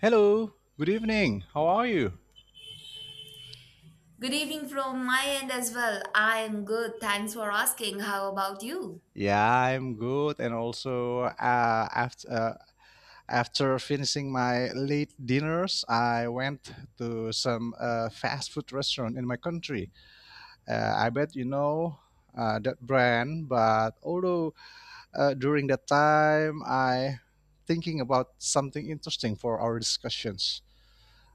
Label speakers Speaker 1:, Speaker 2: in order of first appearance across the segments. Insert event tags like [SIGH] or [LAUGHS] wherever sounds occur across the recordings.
Speaker 1: Hello, good evening. How are you?
Speaker 2: Good evening from my end as well. I am good. Thanks for asking. How about you?
Speaker 1: Yeah, I'm good. And also, after finishing my late dinners, I went to some fast food restaurant in my country. I bet you know that brand, but although during that time, I thinking about something interesting for our discussions.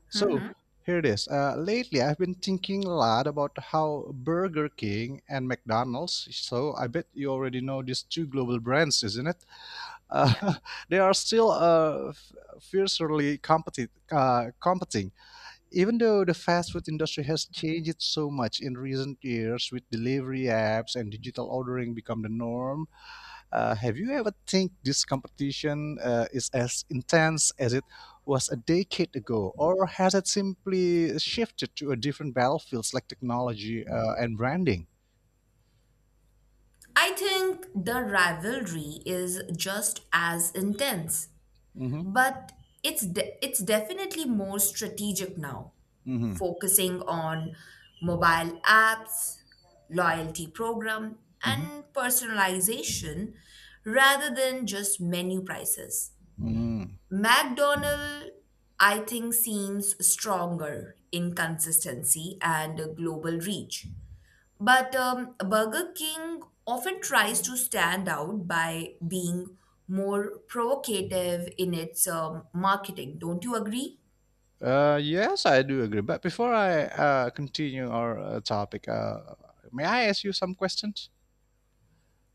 Speaker 1: So
Speaker 2: hmm
Speaker 1: here it is. Lately, I've been thinking a lot about how Burger King and McDonald's, so I bet you already know these two global brands, isn't it? Uh,
Speaker 2: Yeah.
Speaker 1: [LAUGHS] they are still fiercely competing. Even though the fast food industry has changed so much in recent years with delivery apps and digital ordering become the norm, have you ever think this competition is as intense as it was a decade ago, or has it simply shifted to a different battlefields like technology and branding?
Speaker 2: I think the rivalry is just as intense,
Speaker 1: Hmm.
Speaker 2: but it's definitely more strategic now,
Speaker 1: Hmm.
Speaker 2: focusing on mobile apps, loyalty program,
Speaker 1: Hmm.
Speaker 2: and personalization rather than just menu prices.
Speaker 1: Mm.
Speaker 2: McDonald, I think, seems stronger in consistency and global reach. But Burger King often tries to stand out by being more provocative in its marketing. Don't you agree?
Speaker 1: Yes, I do agree. But before I continue our topic, may I ask you some questions?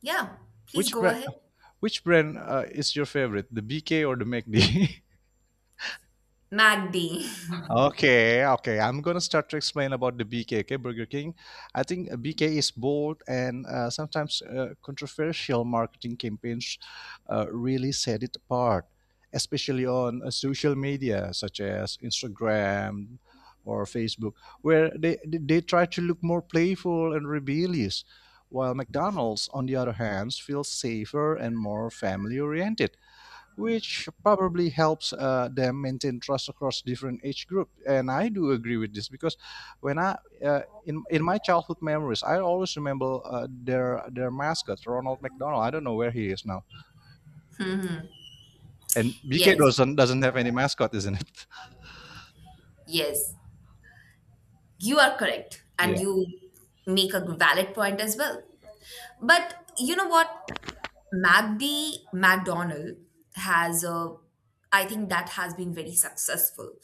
Speaker 2: Yeah, please
Speaker 1: Which
Speaker 2: go
Speaker 1: brand?
Speaker 2: ahead.
Speaker 1: Which brand is your favorite, the BK or the McD? [LAUGHS]
Speaker 2: MacD.
Speaker 1: Okay, okay. I'm gonna start to explain about the BK, okay, Burger King. I think BK is bold and sometimes controversial marketing campaigns really set it apart, especially on social media such as Instagram or Facebook, where they try to look more playful and rebellious, while McDonald's, on the other hand, feels safer and more family oriented, which probably helps them maintain trust across different age group. And I do agree with this because when I in my childhood memories, I always remember their mascot Ronald McDonald. I don't know where he is now. And
Speaker 2: [LAUGHS]
Speaker 1: BK
Speaker 2: yes,
Speaker 1: doesn't have any mascot, isn't it? [LAUGHS]
Speaker 2: Yes, you are correct. And
Speaker 1: Yeah.
Speaker 2: you make a valid point as well. But you know what? MacD McDonald has a, I think, that has been very successful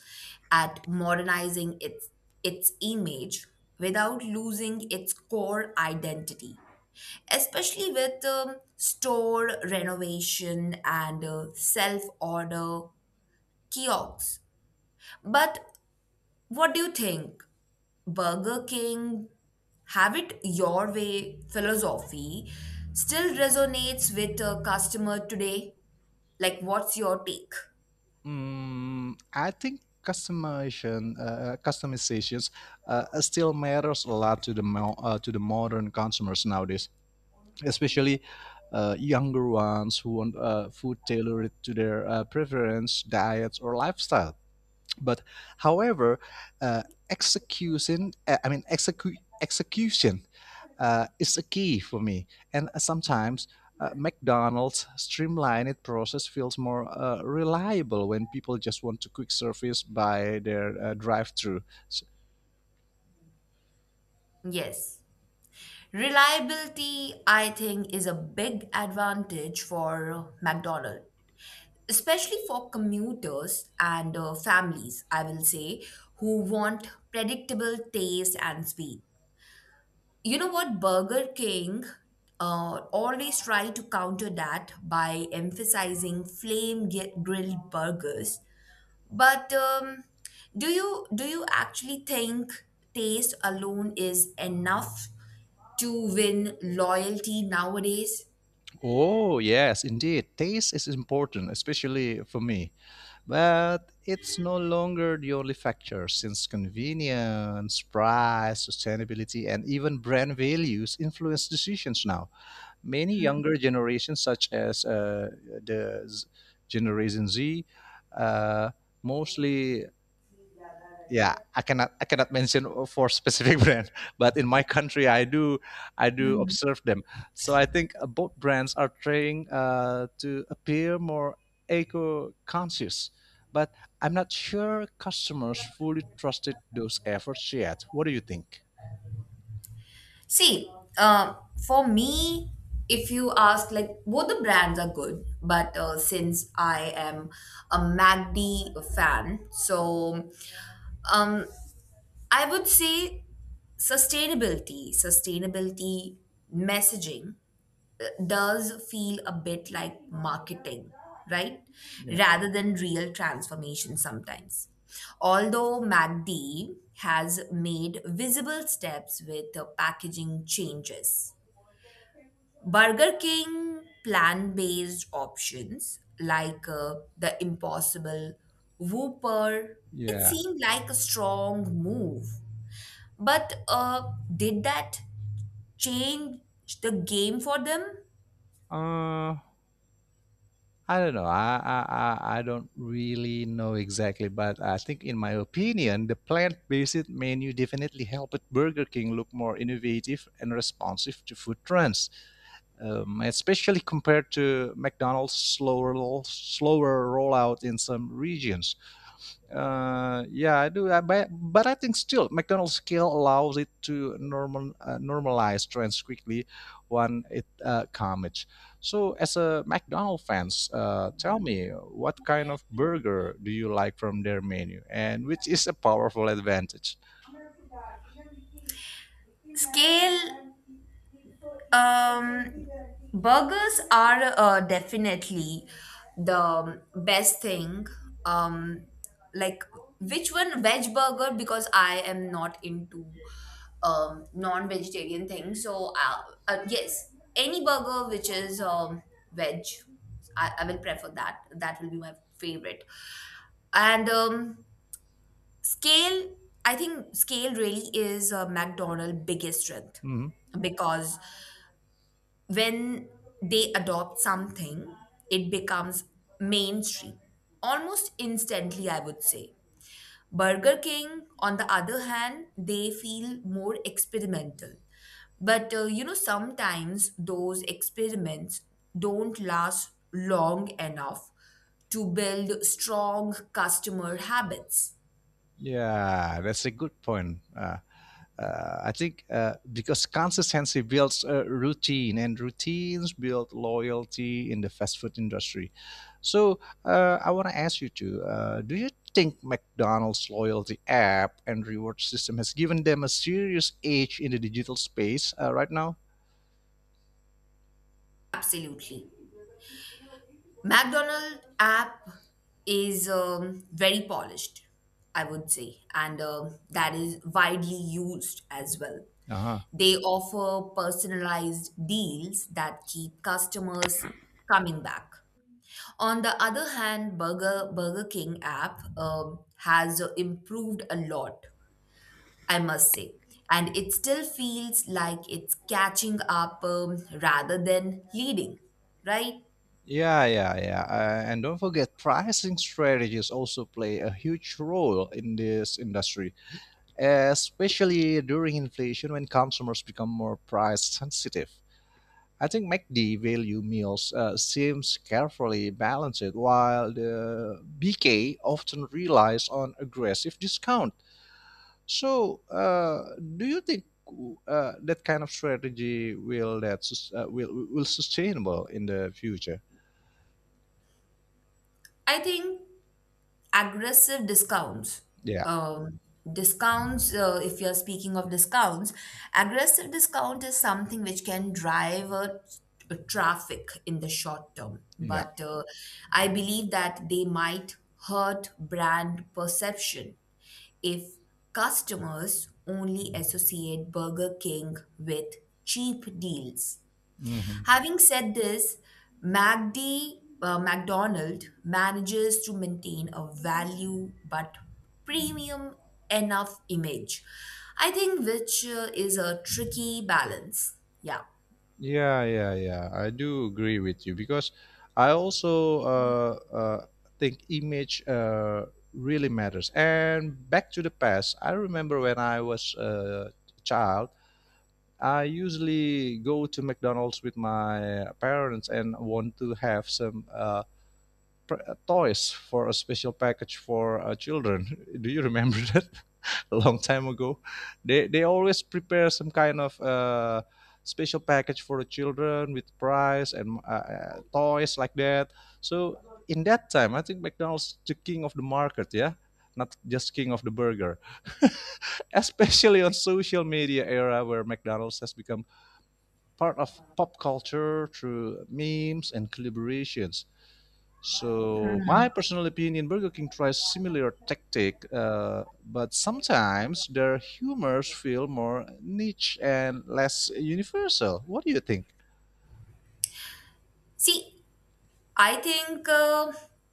Speaker 2: at modernizing its image without losing its core identity, especially with store renovation and self order kiosks. But what do you think? Burger King, have it your way philosophy, still resonates with a customer today? Like, what's your take?
Speaker 1: Mm, I think customizations, still matters a lot to the modern consumers nowadays, especially younger ones who want food tailored to their preference, diets, or lifestyle. But however, uh, execution, I mean, execution is a key for me. And sometimes McDonald's streamlined process feels more reliable when people just want to quick service by their drive-through.
Speaker 2: Yes. Reliability, I think, is a big advantage for McDonald's, especially for commuters and families, I will say, who want predictable taste and speed. You know what? Burger King always try to counter that by emphasizing grilled burgers. But do you actually think taste alone is enough to win loyalty nowadays?
Speaker 1: Oh yes, indeed, taste is important, especially for me. But it's no longer the only factor, since convenience, price, sustainability, and even brand values influence decisions now. Many younger generations, such as the Z- Generation Z, uh, mostly, yeah, I cannot mention for specific [LAUGHS] brand, but in my country I do observe them. So I think both brands are trying to appear more eco conscious, but I'm not sure customers fully trusted those efforts yet. What do you think?
Speaker 2: See, uh, for me, if you ask, like, both the brands are good, but since I am a MACD fan, so um, I would say sustainability, sustainability messaging does feel a bit like marketing, right?
Speaker 1: Yeah.
Speaker 2: Rather than real transformation sometimes. Although MACD has made visible steps with packaging changes. Burger King plant based options like the Impossible Whopper, it
Speaker 1: Yeah.
Speaker 2: seemed like a strong move. But did that change the game for them?
Speaker 1: uh, I don't know. I don't really know exactly, but I think, in my opinion, the plant-based menu definitely helped Burger King look more innovative and responsive to food trends, especially compared to McDonald's slower rollout in some regions. Yeah, I do. But I think still McDonald's scale allows it to normalize trends quickly when it comes. So, as a McDonald's fans, tell me what kind of burger do you like from their menu, and which is a powerful advantage.
Speaker 2: Scale. Um, burgers are definitely the best thing. Um, like which one? Veg burger, because I am not into non-vegetarian things. So yes, any burger which is veg, I will prefer that. That will be my favorite. And scale, I think scale really is McDonald's biggest strength
Speaker 1: Hmm.
Speaker 2: because when they adopt something, it becomes mainstream almost instantly, I would say. Burger King, on the other hand, they feel more experimental. But you know, sometimes those experiments don't last long enough to build strong customer habits.
Speaker 1: Yeah, that's a good point. I think because consistency builds a routine, and routines build loyalty in the fast food industry. So I want to ask you too: do you think McDonald's loyalty app and reward system has given them a serious edge in the digital space right now?
Speaker 2: Absolutely. McDonald app is very polished, I would say, and that is widely used as well.
Speaker 1: Uh-huh.
Speaker 2: They offer personalized deals that keep customers coming back. On the other hand, Burger King app has improved a lot, I must say, and it still feels like it's catching up, rather than leading, right?
Speaker 1: Yeah, yeah, yeah. And don't forget, pricing strategies also play a huge role in this industry, especially during inflation when consumers become more price sensitive. I think MACD value meals seems carefully balanced, while the BK often relies on aggressive discount. So, do you think that kind of strategy, will sustainable in the future?
Speaker 2: I think aggressive discounts.
Speaker 1: Yeah,
Speaker 2: Um, discounts, if you're speaking of discounts, aggressive discount is something which can drive a traffic in the short term.
Speaker 1: yeah.
Speaker 2: But I believe that they might hurt brand perception if customers only associate Burger King with cheap deals.
Speaker 1: Hmm.
Speaker 2: Having said this, McDonald manages to maintain a value but premium enough image, I think, which is a tricky balance. Yeah.
Speaker 1: Yeah, yeah, yeah. I do agree with you because I also think image really matters. And back to the past, I remember when I was a child, I usually go to McDonald's with my parents and want to have some toys for a special package for children. [LAUGHS] Do you remember that? [LAUGHS] A long time ago. They always prepare some kind of special package for the children with prize and toys like that. So in that time, I think McDonald's the king of the market. Yeah, not just king of the burger. [LAUGHS] Especially on social media era where McDonald's has become part of pop culture through memes and collaborations. So my personal opinion, Burger King tries similar tactic, but sometimes their humors feel more niche and less universal. What do you think?
Speaker 2: See, I think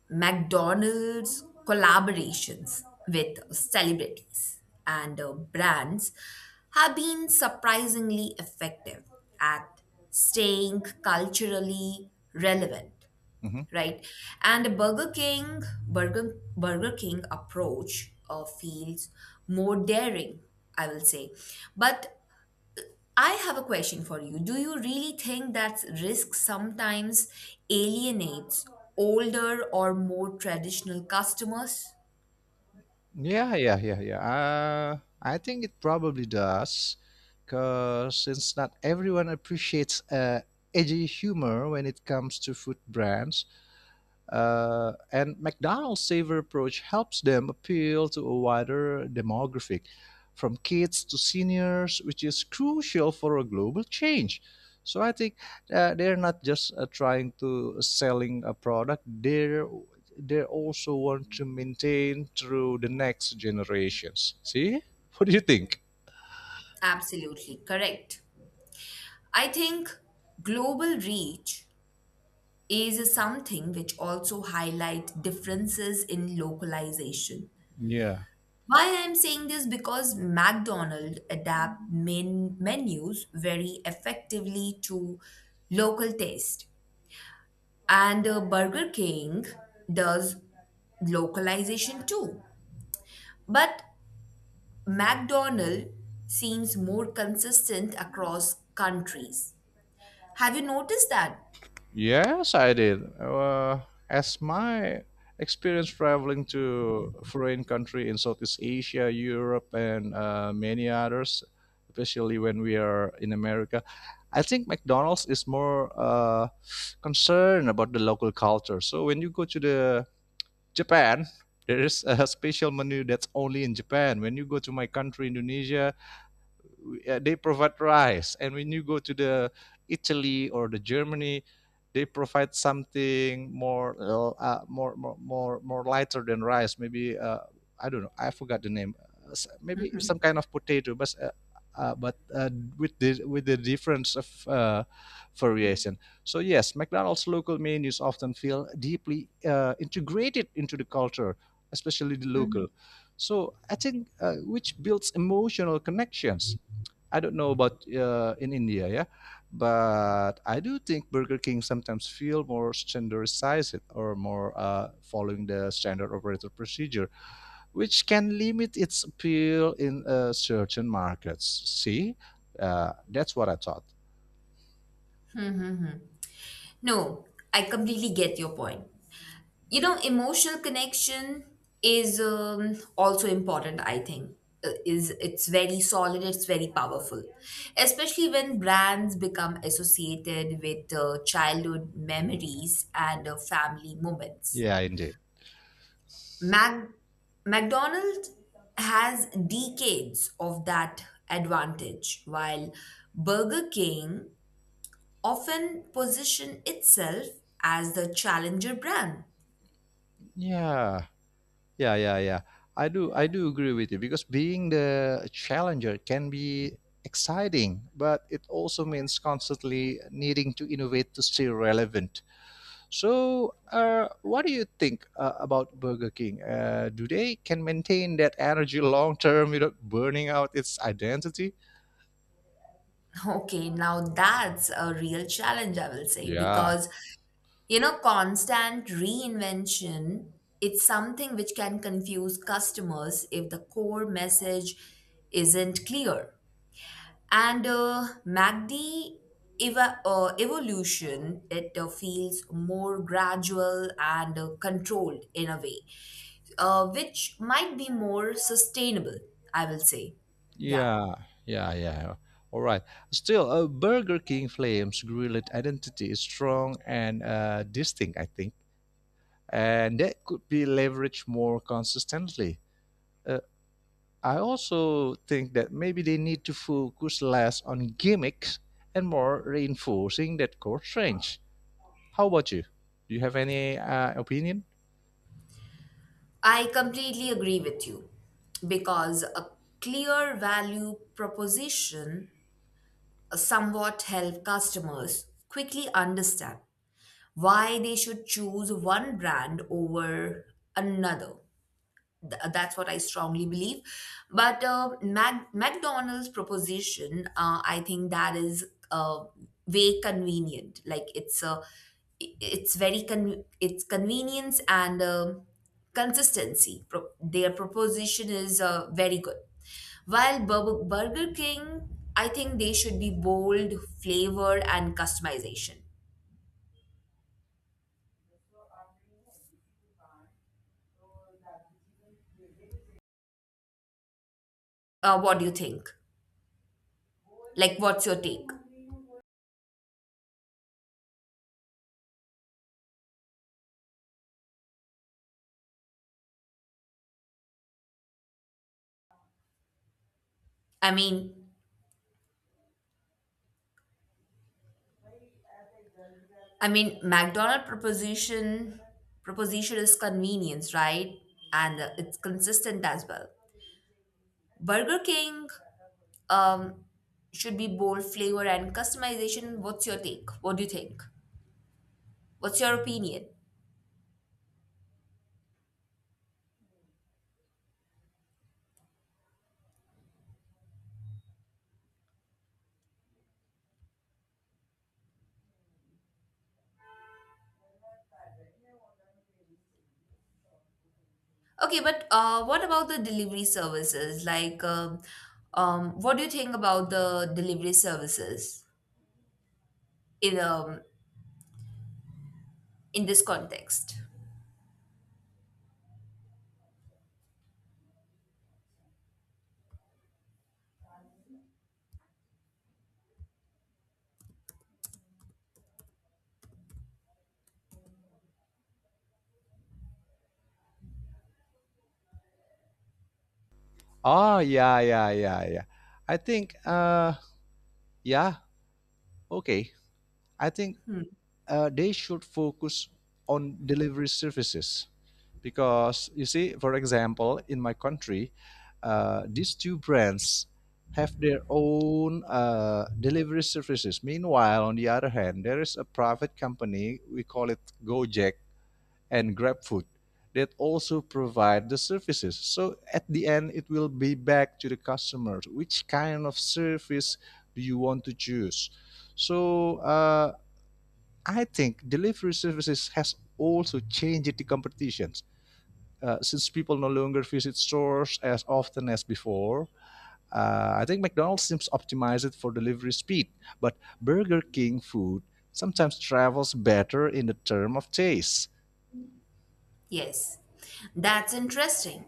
Speaker 2: McDonald's collaborations with celebrities and brands have been surprisingly effective at staying culturally relevant,
Speaker 1: Mhm.
Speaker 2: right? And the Burger King approach feels more daring, I will say. But I have a question for you. Do you really think that risk sometimes alienates older or more traditional customers?
Speaker 1: Yeah, yeah, yeah, yeah. I think it probably does, because since not everyone appreciates edgy humor when it comes to food brands, and McDonald's saver approach helps them appeal to a wider demographic, from kids to seniors, which is crucial for a global change. So I think they're not just trying to selling a product; they also want to maintain through the next generations. See, what do you think?
Speaker 2: Absolutely correct. I think global reach is something which also highlight differences in localization.
Speaker 1: Yeah.
Speaker 2: Why I'm saying this, because McDonald's adapt menus very effectively to local taste, and Burger King does localization too. But McDonald seems more consistent across countries. Have you noticed that?
Speaker 1: Yes, I did. As my experience traveling to foreign country in Southeast Asia, Europe, and many others, especially when we are in America, I think McDonald's is more concerned about the local culture. So when you go to the Japan, there is a [LAUGHS] special menu that's only in Japan. When you go to my country, Indonesia, they provide rice, and when you go to the Italy or the Germany, they provide something more lighter than rice, maybe. Uh, I don't know, I forgot the name. Maybe some kind of potato, but with the difference of variation. So yes, McDonald's local menus often feel deeply integrated into the culture, especially the local. So I think which builds emotional connections. I don't know about in India, yeah, but I do think Burger King sometimes feel more standardized or more following the standard operator procedure, which can limit its appeal in certain markets. See, that's what I thought.
Speaker 2: No, I completely get your point. You know, emotional connection is also important, I think. Is It's very solid, it's very powerful, especially when brands become associated with childhood memories and family moments.
Speaker 1: Yeah, indeed.
Speaker 2: McDonald's has decades of that advantage, while Burger King often position itself as the challenger brand.
Speaker 1: Yeah. Yeah, yeah, yeah. I do agree with you because being the challenger can be exciting, but it also means constantly needing to innovate to stay relevant. So, what do you think about Burger King? Do they can maintain that energy long term without burning out its identity?
Speaker 2: Okay, now that's a real challenge, I will say,
Speaker 1: Yeah,
Speaker 2: because, you know, constant reinvention, it's something which can confuse customers if the core message isn't clear. And MACD evolution, it feels more gradual and controlled in a way, which might be more sustainable, I will say. Yeah.
Speaker 1: yeah, yeah, yeah. All right. Still, Burger King Flames grilled identity is strong and distinct, I think, and that could be leveraged more consistently. Uh, I also think that maybe they need to focus less on gimmicks and more reinforcing that core strength. How about you? Do you have any opinion?
Speaker 2: I completely agree with you because a clear value proposition somewhat help customers quickly understand why they should choose one brand over another. That's what I strongly believe. But McDonald's proposition, I think that is uh, way convenient. It's very it's convenience and consistency. Their proposition is very good. While Burger King, I think they should be bold, flavor, and customization. What do you think? Like, what's your take? I mean, McDonald proposition is convenience, right? And it's consistent as well. Burger King um, should be bold flavor and customization. What's your take? What do you think? What's your opinion? Okay, but what about the delivery services? Like, what do you think about the delivery services in um, in this context?
Speaker 1: Oh yeah, yeah, yeah, yeah. I think yeah, okay. I think
Speaker 2: Hmm.
Speaker 1: they should focus on delivery services, because, you see, for example, in my country, these two brands have their own delivery services. Meanwhile, on the other hand, there is a private company we call it Gojek and GrabFood that also provide the services. So at the end, it will be back to the customers, which kind of service do you want to choose. So I think delivery services has also changed the competitions. Since people no longer visit stores as often as before, I think McDonald's seems optimized for delivery speed, but Burger King food sometimes travels better in the term of taste.
Speaker 2: Yes, that's interesting.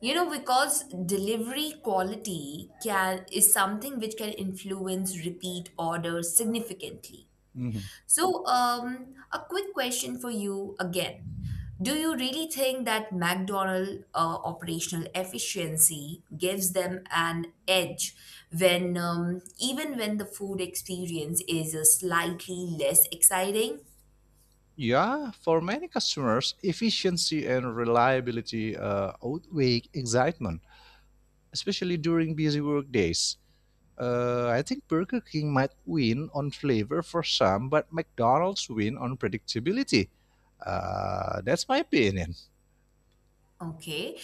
Speaker 2: You know, because delivery quality can is something which can influence repeat orders significantly.
Speaker 1: Mhm.
Speaker 2: So, a quick question for you again. Do you really think that McDonald's operational efficiency gives them an edge when even when the food experience is slightly less exciting?
Speaker 1: Yeah, for many customers, efficiency and reliability outweigh excitement, especially during busy work days. I think Burger King might win on flavor for some, but McDonald's win on predictability. That's my opinion.
Speaker 2: Okay.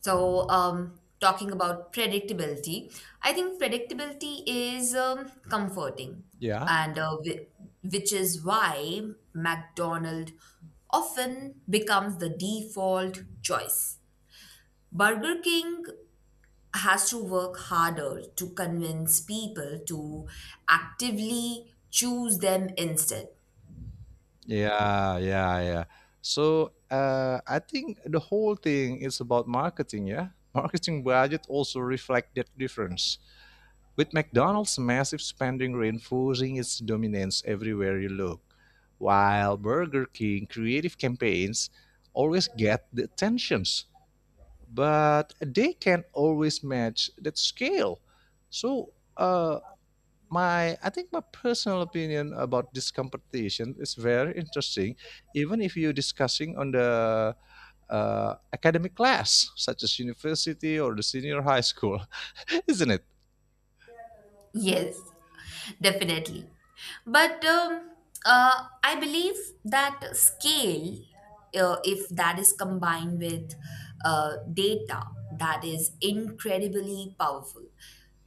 Speaker 2: So, talking about predictability, I think predictability is comforting,
Speaker 1: Yeah,
Speaker 2: and which is why McDonald's often becomes the default choice. Burger King has to work harder to convince people to actively choose them instead.
Speaker 1: yeah, yeah, yeah. So I think the whole thing is about marketing. Yeah, marketing budget also reflect that difference, with McDonald's massive spending reinforcing its dominance everywhere you look, while Burger King creative campaigns always get the attentions, but they can always match that scale. So my I think my personal opinion about this competition is very interesting, even if you're discussing on the academic class, such as university or the senior high school, [LAUGHS] isn't it?
Speaker 2: Yes, definitely. But I believe that scale, if that is combined with data, that is incredibly powerful,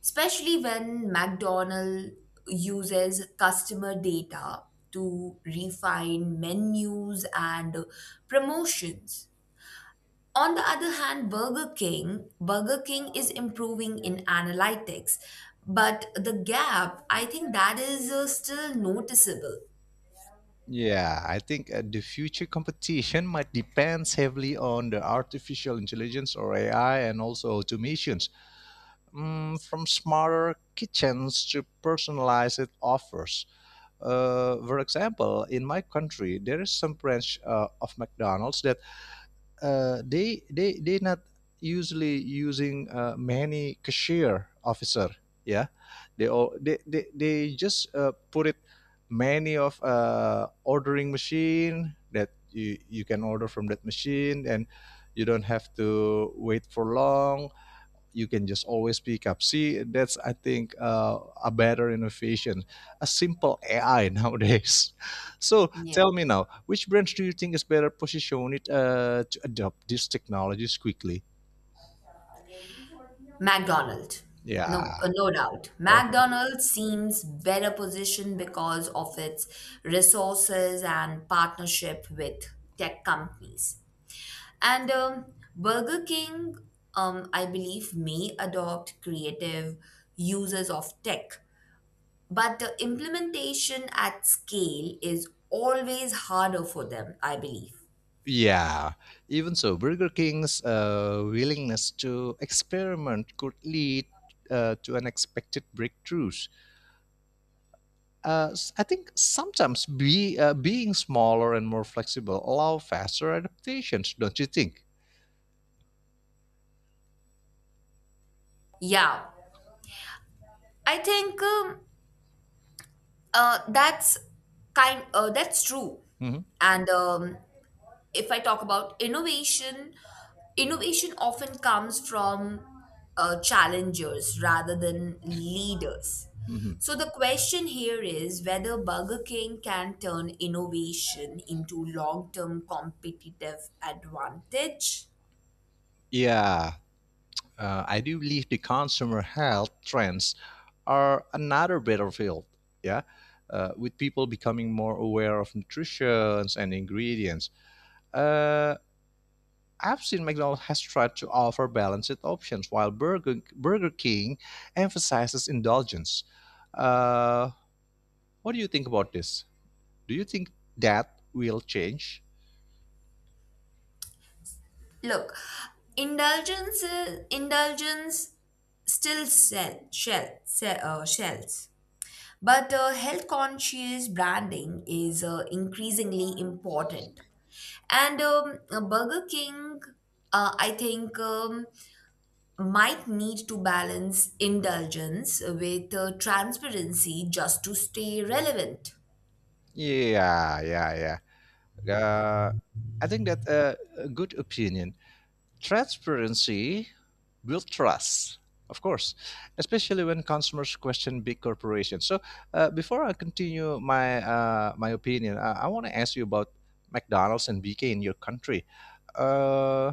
Speaker 2: especially when McDonald uses customer data to refine menus and promotions. On the other hand, Burger King is improving in analytics, but the gap, I think, that is still noticeable.
Speaker 1: Yeah, I think the future competition might depend heavily on the artificial intelligence or AI and also automation. Mm, from smarter kitchens to personalized offers. For example, in my country, there is some branch of McDonald's that they not usually using many cashier officer. Yeah, they all they just put it many of ordering machine that you can order from that machine, and you don't have to wait for long, you can just always pick up. See, that's I think a better innovation, a simple AI nowadays. [LAUGHS] So
Speaker 2: Yeah.
Speaker 1: tell me now, which brands do you think is better positioned to adopt these technologies quickly?
Speaker 2: McDonald's. No,
Speaker 1: Yeah.
Speaker 2: no doubt.
Speaker 1: Oh,
Speaker 2: McDonald's seems better positioned because of its resources and partnership with tech companies. And Burger King, I believe, may adopt creative uses of tech. But the implementation at scale is always harder for them, I believe.
Speaker 1: yeah. Even so, Burger King's willingness to experiment could lead to unexpected breakthroughs. I think sometimes being smaller and more flexible allow faster adaptations, don't you think?
Speaker 2: Yeah, I think uh, that's that's true.
Speaker 1: Mhm,
Speaker 2: And if I talk about innovation, innovation often comes from challengers rather than leaders.
Speaker 1: mhm.
Speaker 2: So the question here is whether Burger King can turn innovation into long-term competitive advantage.
Speaker 1: Yeah, I do believe the consumer health trends are another battlefield. Yeah, with people becoming more aware of nutrition and ingredients. Uh, I've seen McDonald's has tried to offer balanced options, while Burger King emphasizes indulgence. Uh, what do you think about this? Do you think that will change?
Speaker 2: Look, indulgence still shells, but health conscious branding is increasingly important. And Burger King, I think, might need to balance indulgence with transparency just to stay relevant.
Speaker 1: Yeah, yeah, yeah. Uh, I think that a good opinion. Transparency builds trust, of course, especially when consumers question big corporations. So, before I continue my opinion, I want to ask you about McDonald's and BK in your country. Uh,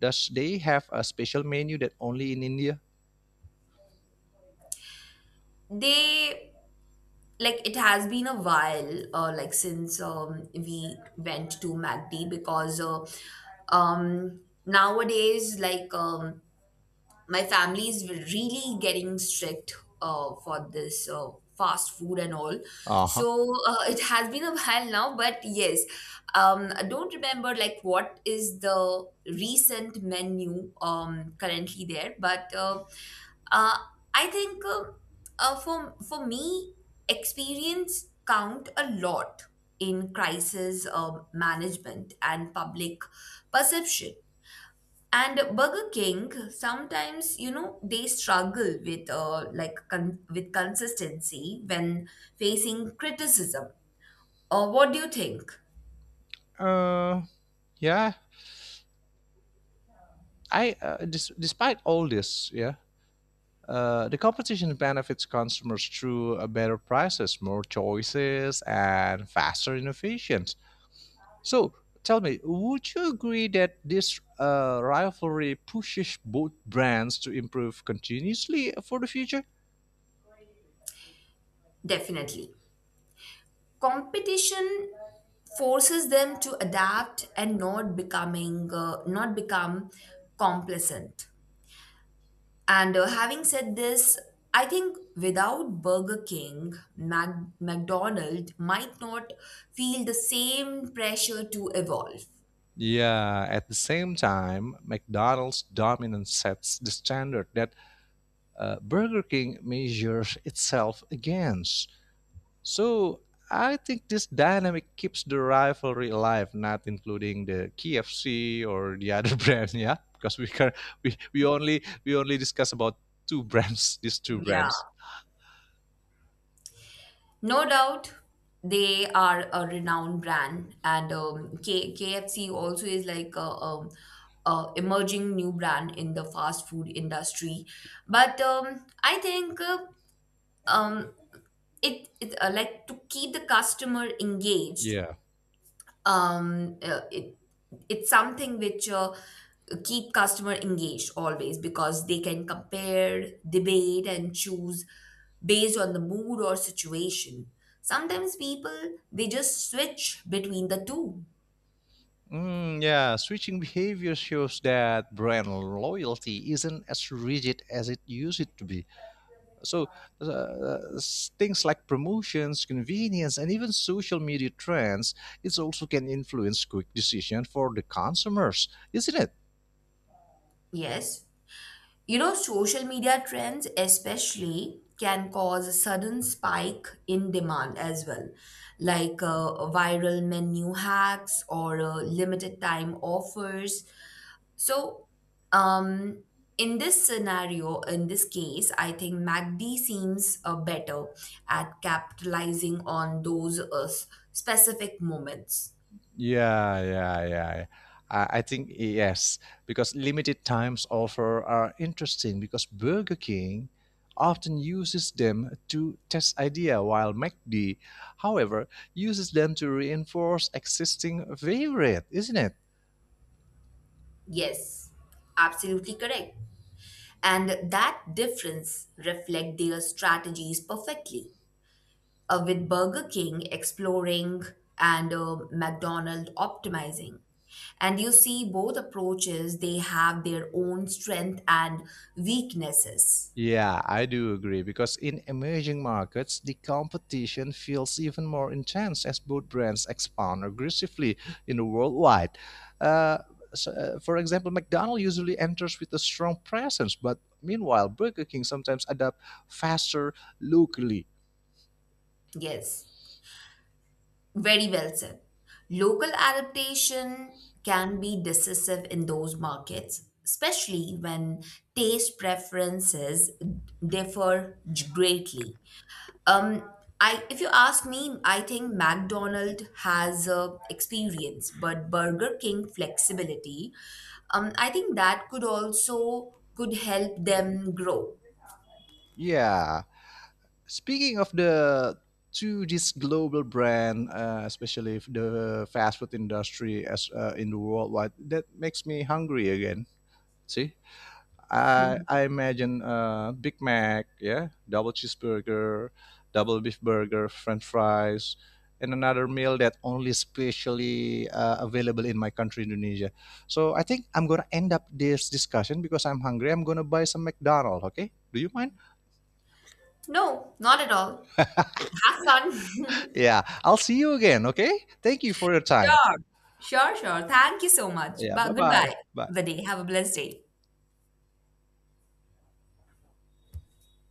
Speaker 1: does they have a special menu that only in India?
Speaker 2: They like it has been a while like since we went to macd because um nowadays, my family is really getting strict for this fast food and all.
Speaker 1: Uh-huh.
Speaker 2: So it has been a while now, but yes, I don't remember like what is the recent menu currently there, but uh, I think for me, experience count a lot in crisis management and public perception. And Burger King, sometimes, you know, they struggle with with consistency when facing criticism. What do you think?
Speaker 1: Uh, yeah, despite all this, yeah, the competition benefits consumers through better prices, more choices, and faster innovations. So, tell me, would you agree that this rivalry pushes both brands to improve continuously for the future?
Speaker 2: Definitely. Competition forces them to adapt and not become complacent. And having said this, I think without Burger King, McDonald might not feel the same pressure to evolve.
Speaker 1: Yeah, at the same time, McDonald's dominance sets the standard that Burger King measures itself against. So I think this dynamic keeps the rivalry alive, not including the KFC or the other [LAUGHS] brand, yeah, because we can we only discuss about two brands, [LAUGHS] these two
Speaker 2: Yeah.
Speaker 1: brands.
Speaker 2: No doubt they are a renowned brand, and KFC also is like a emerging new brand in the fast food industry. But I think, um, it like, to keep the customer engaged,
Speaker 1: Yeah.
Speaker 2: um uh, it it's something which keep customer engaged always, because they can compare, debate, and choose based on the mood or situation. Sometimes people they just switch between the two.
Speaker 1: Mm, yeah, switching behavior shows that brand loyalty isn't as rigid as it used to be. So, things like promotions, convenience, and even social media trends, it also can influence quick decision for the consumers, isn't it?
Speaker 2: Yes, you know, social media trends especially can cause a sudden spike in demand as well, like viral menu hacks or limited time offers. So, um, in this case, I think MACD seems better at capitalizing on those specific moments.
Speaker 1: Yeah, yeah, yeah. I think yes, because limited times offer are interesting because Burger King often uses them to test idea while McD, however, uses them to reinforce existing favorite, isn't it?
Speaker 2: Yes, absolutely correct. And that difference reflect their strategies perfectly. With Burger King exploring and McDonald optimizing. And you see, both approaches, they have their own strength and weaknesses.
Speaker 1: Yeah, I do agree because in emerging markets, the competition feels even more intense as both brands expand aggressively in the worldwide. Uh, so, for example, McDonald's usually enters with a strong presence, but meanwhile, Burger King sometimes adapt faster locally.
Speaker 2: Yes, very well said. Local adaptation can be decisive in those markets, especially when taste preferences differ greatly. Um, if you ask me, I think McDonald's has experience, but Burger King flexibility. I think that could also could help them grow.
Speaker 1: Yeah. Speaking of the to this global brand, especially if the fast food industry as in the worldwide, that makes me hungry again. See. I imagine Big Mac, yeah, double cheeseburger, double beef burger, French fries, and another meal that only specially available in my country, Indonesia. So I think I'm gonna end up this discussion because I'm hungry. I'm gonna buy some McDonald's. Okay, do you mind?
Speaker 2: No, not at all. Have fun. [LAUGHS]
Speaker 1: Yeah, I'll see you again. Okay, thank you for your time.
Speaker 2: Sure, sure. Thank you so much.
Speaker 1: Yeah, bye
Speaker 2: But
Speaker 1: bye.
Speaker 2: goodbye
Speaker 1: Bye.
Speaker 2: for the day. Have a blessed day.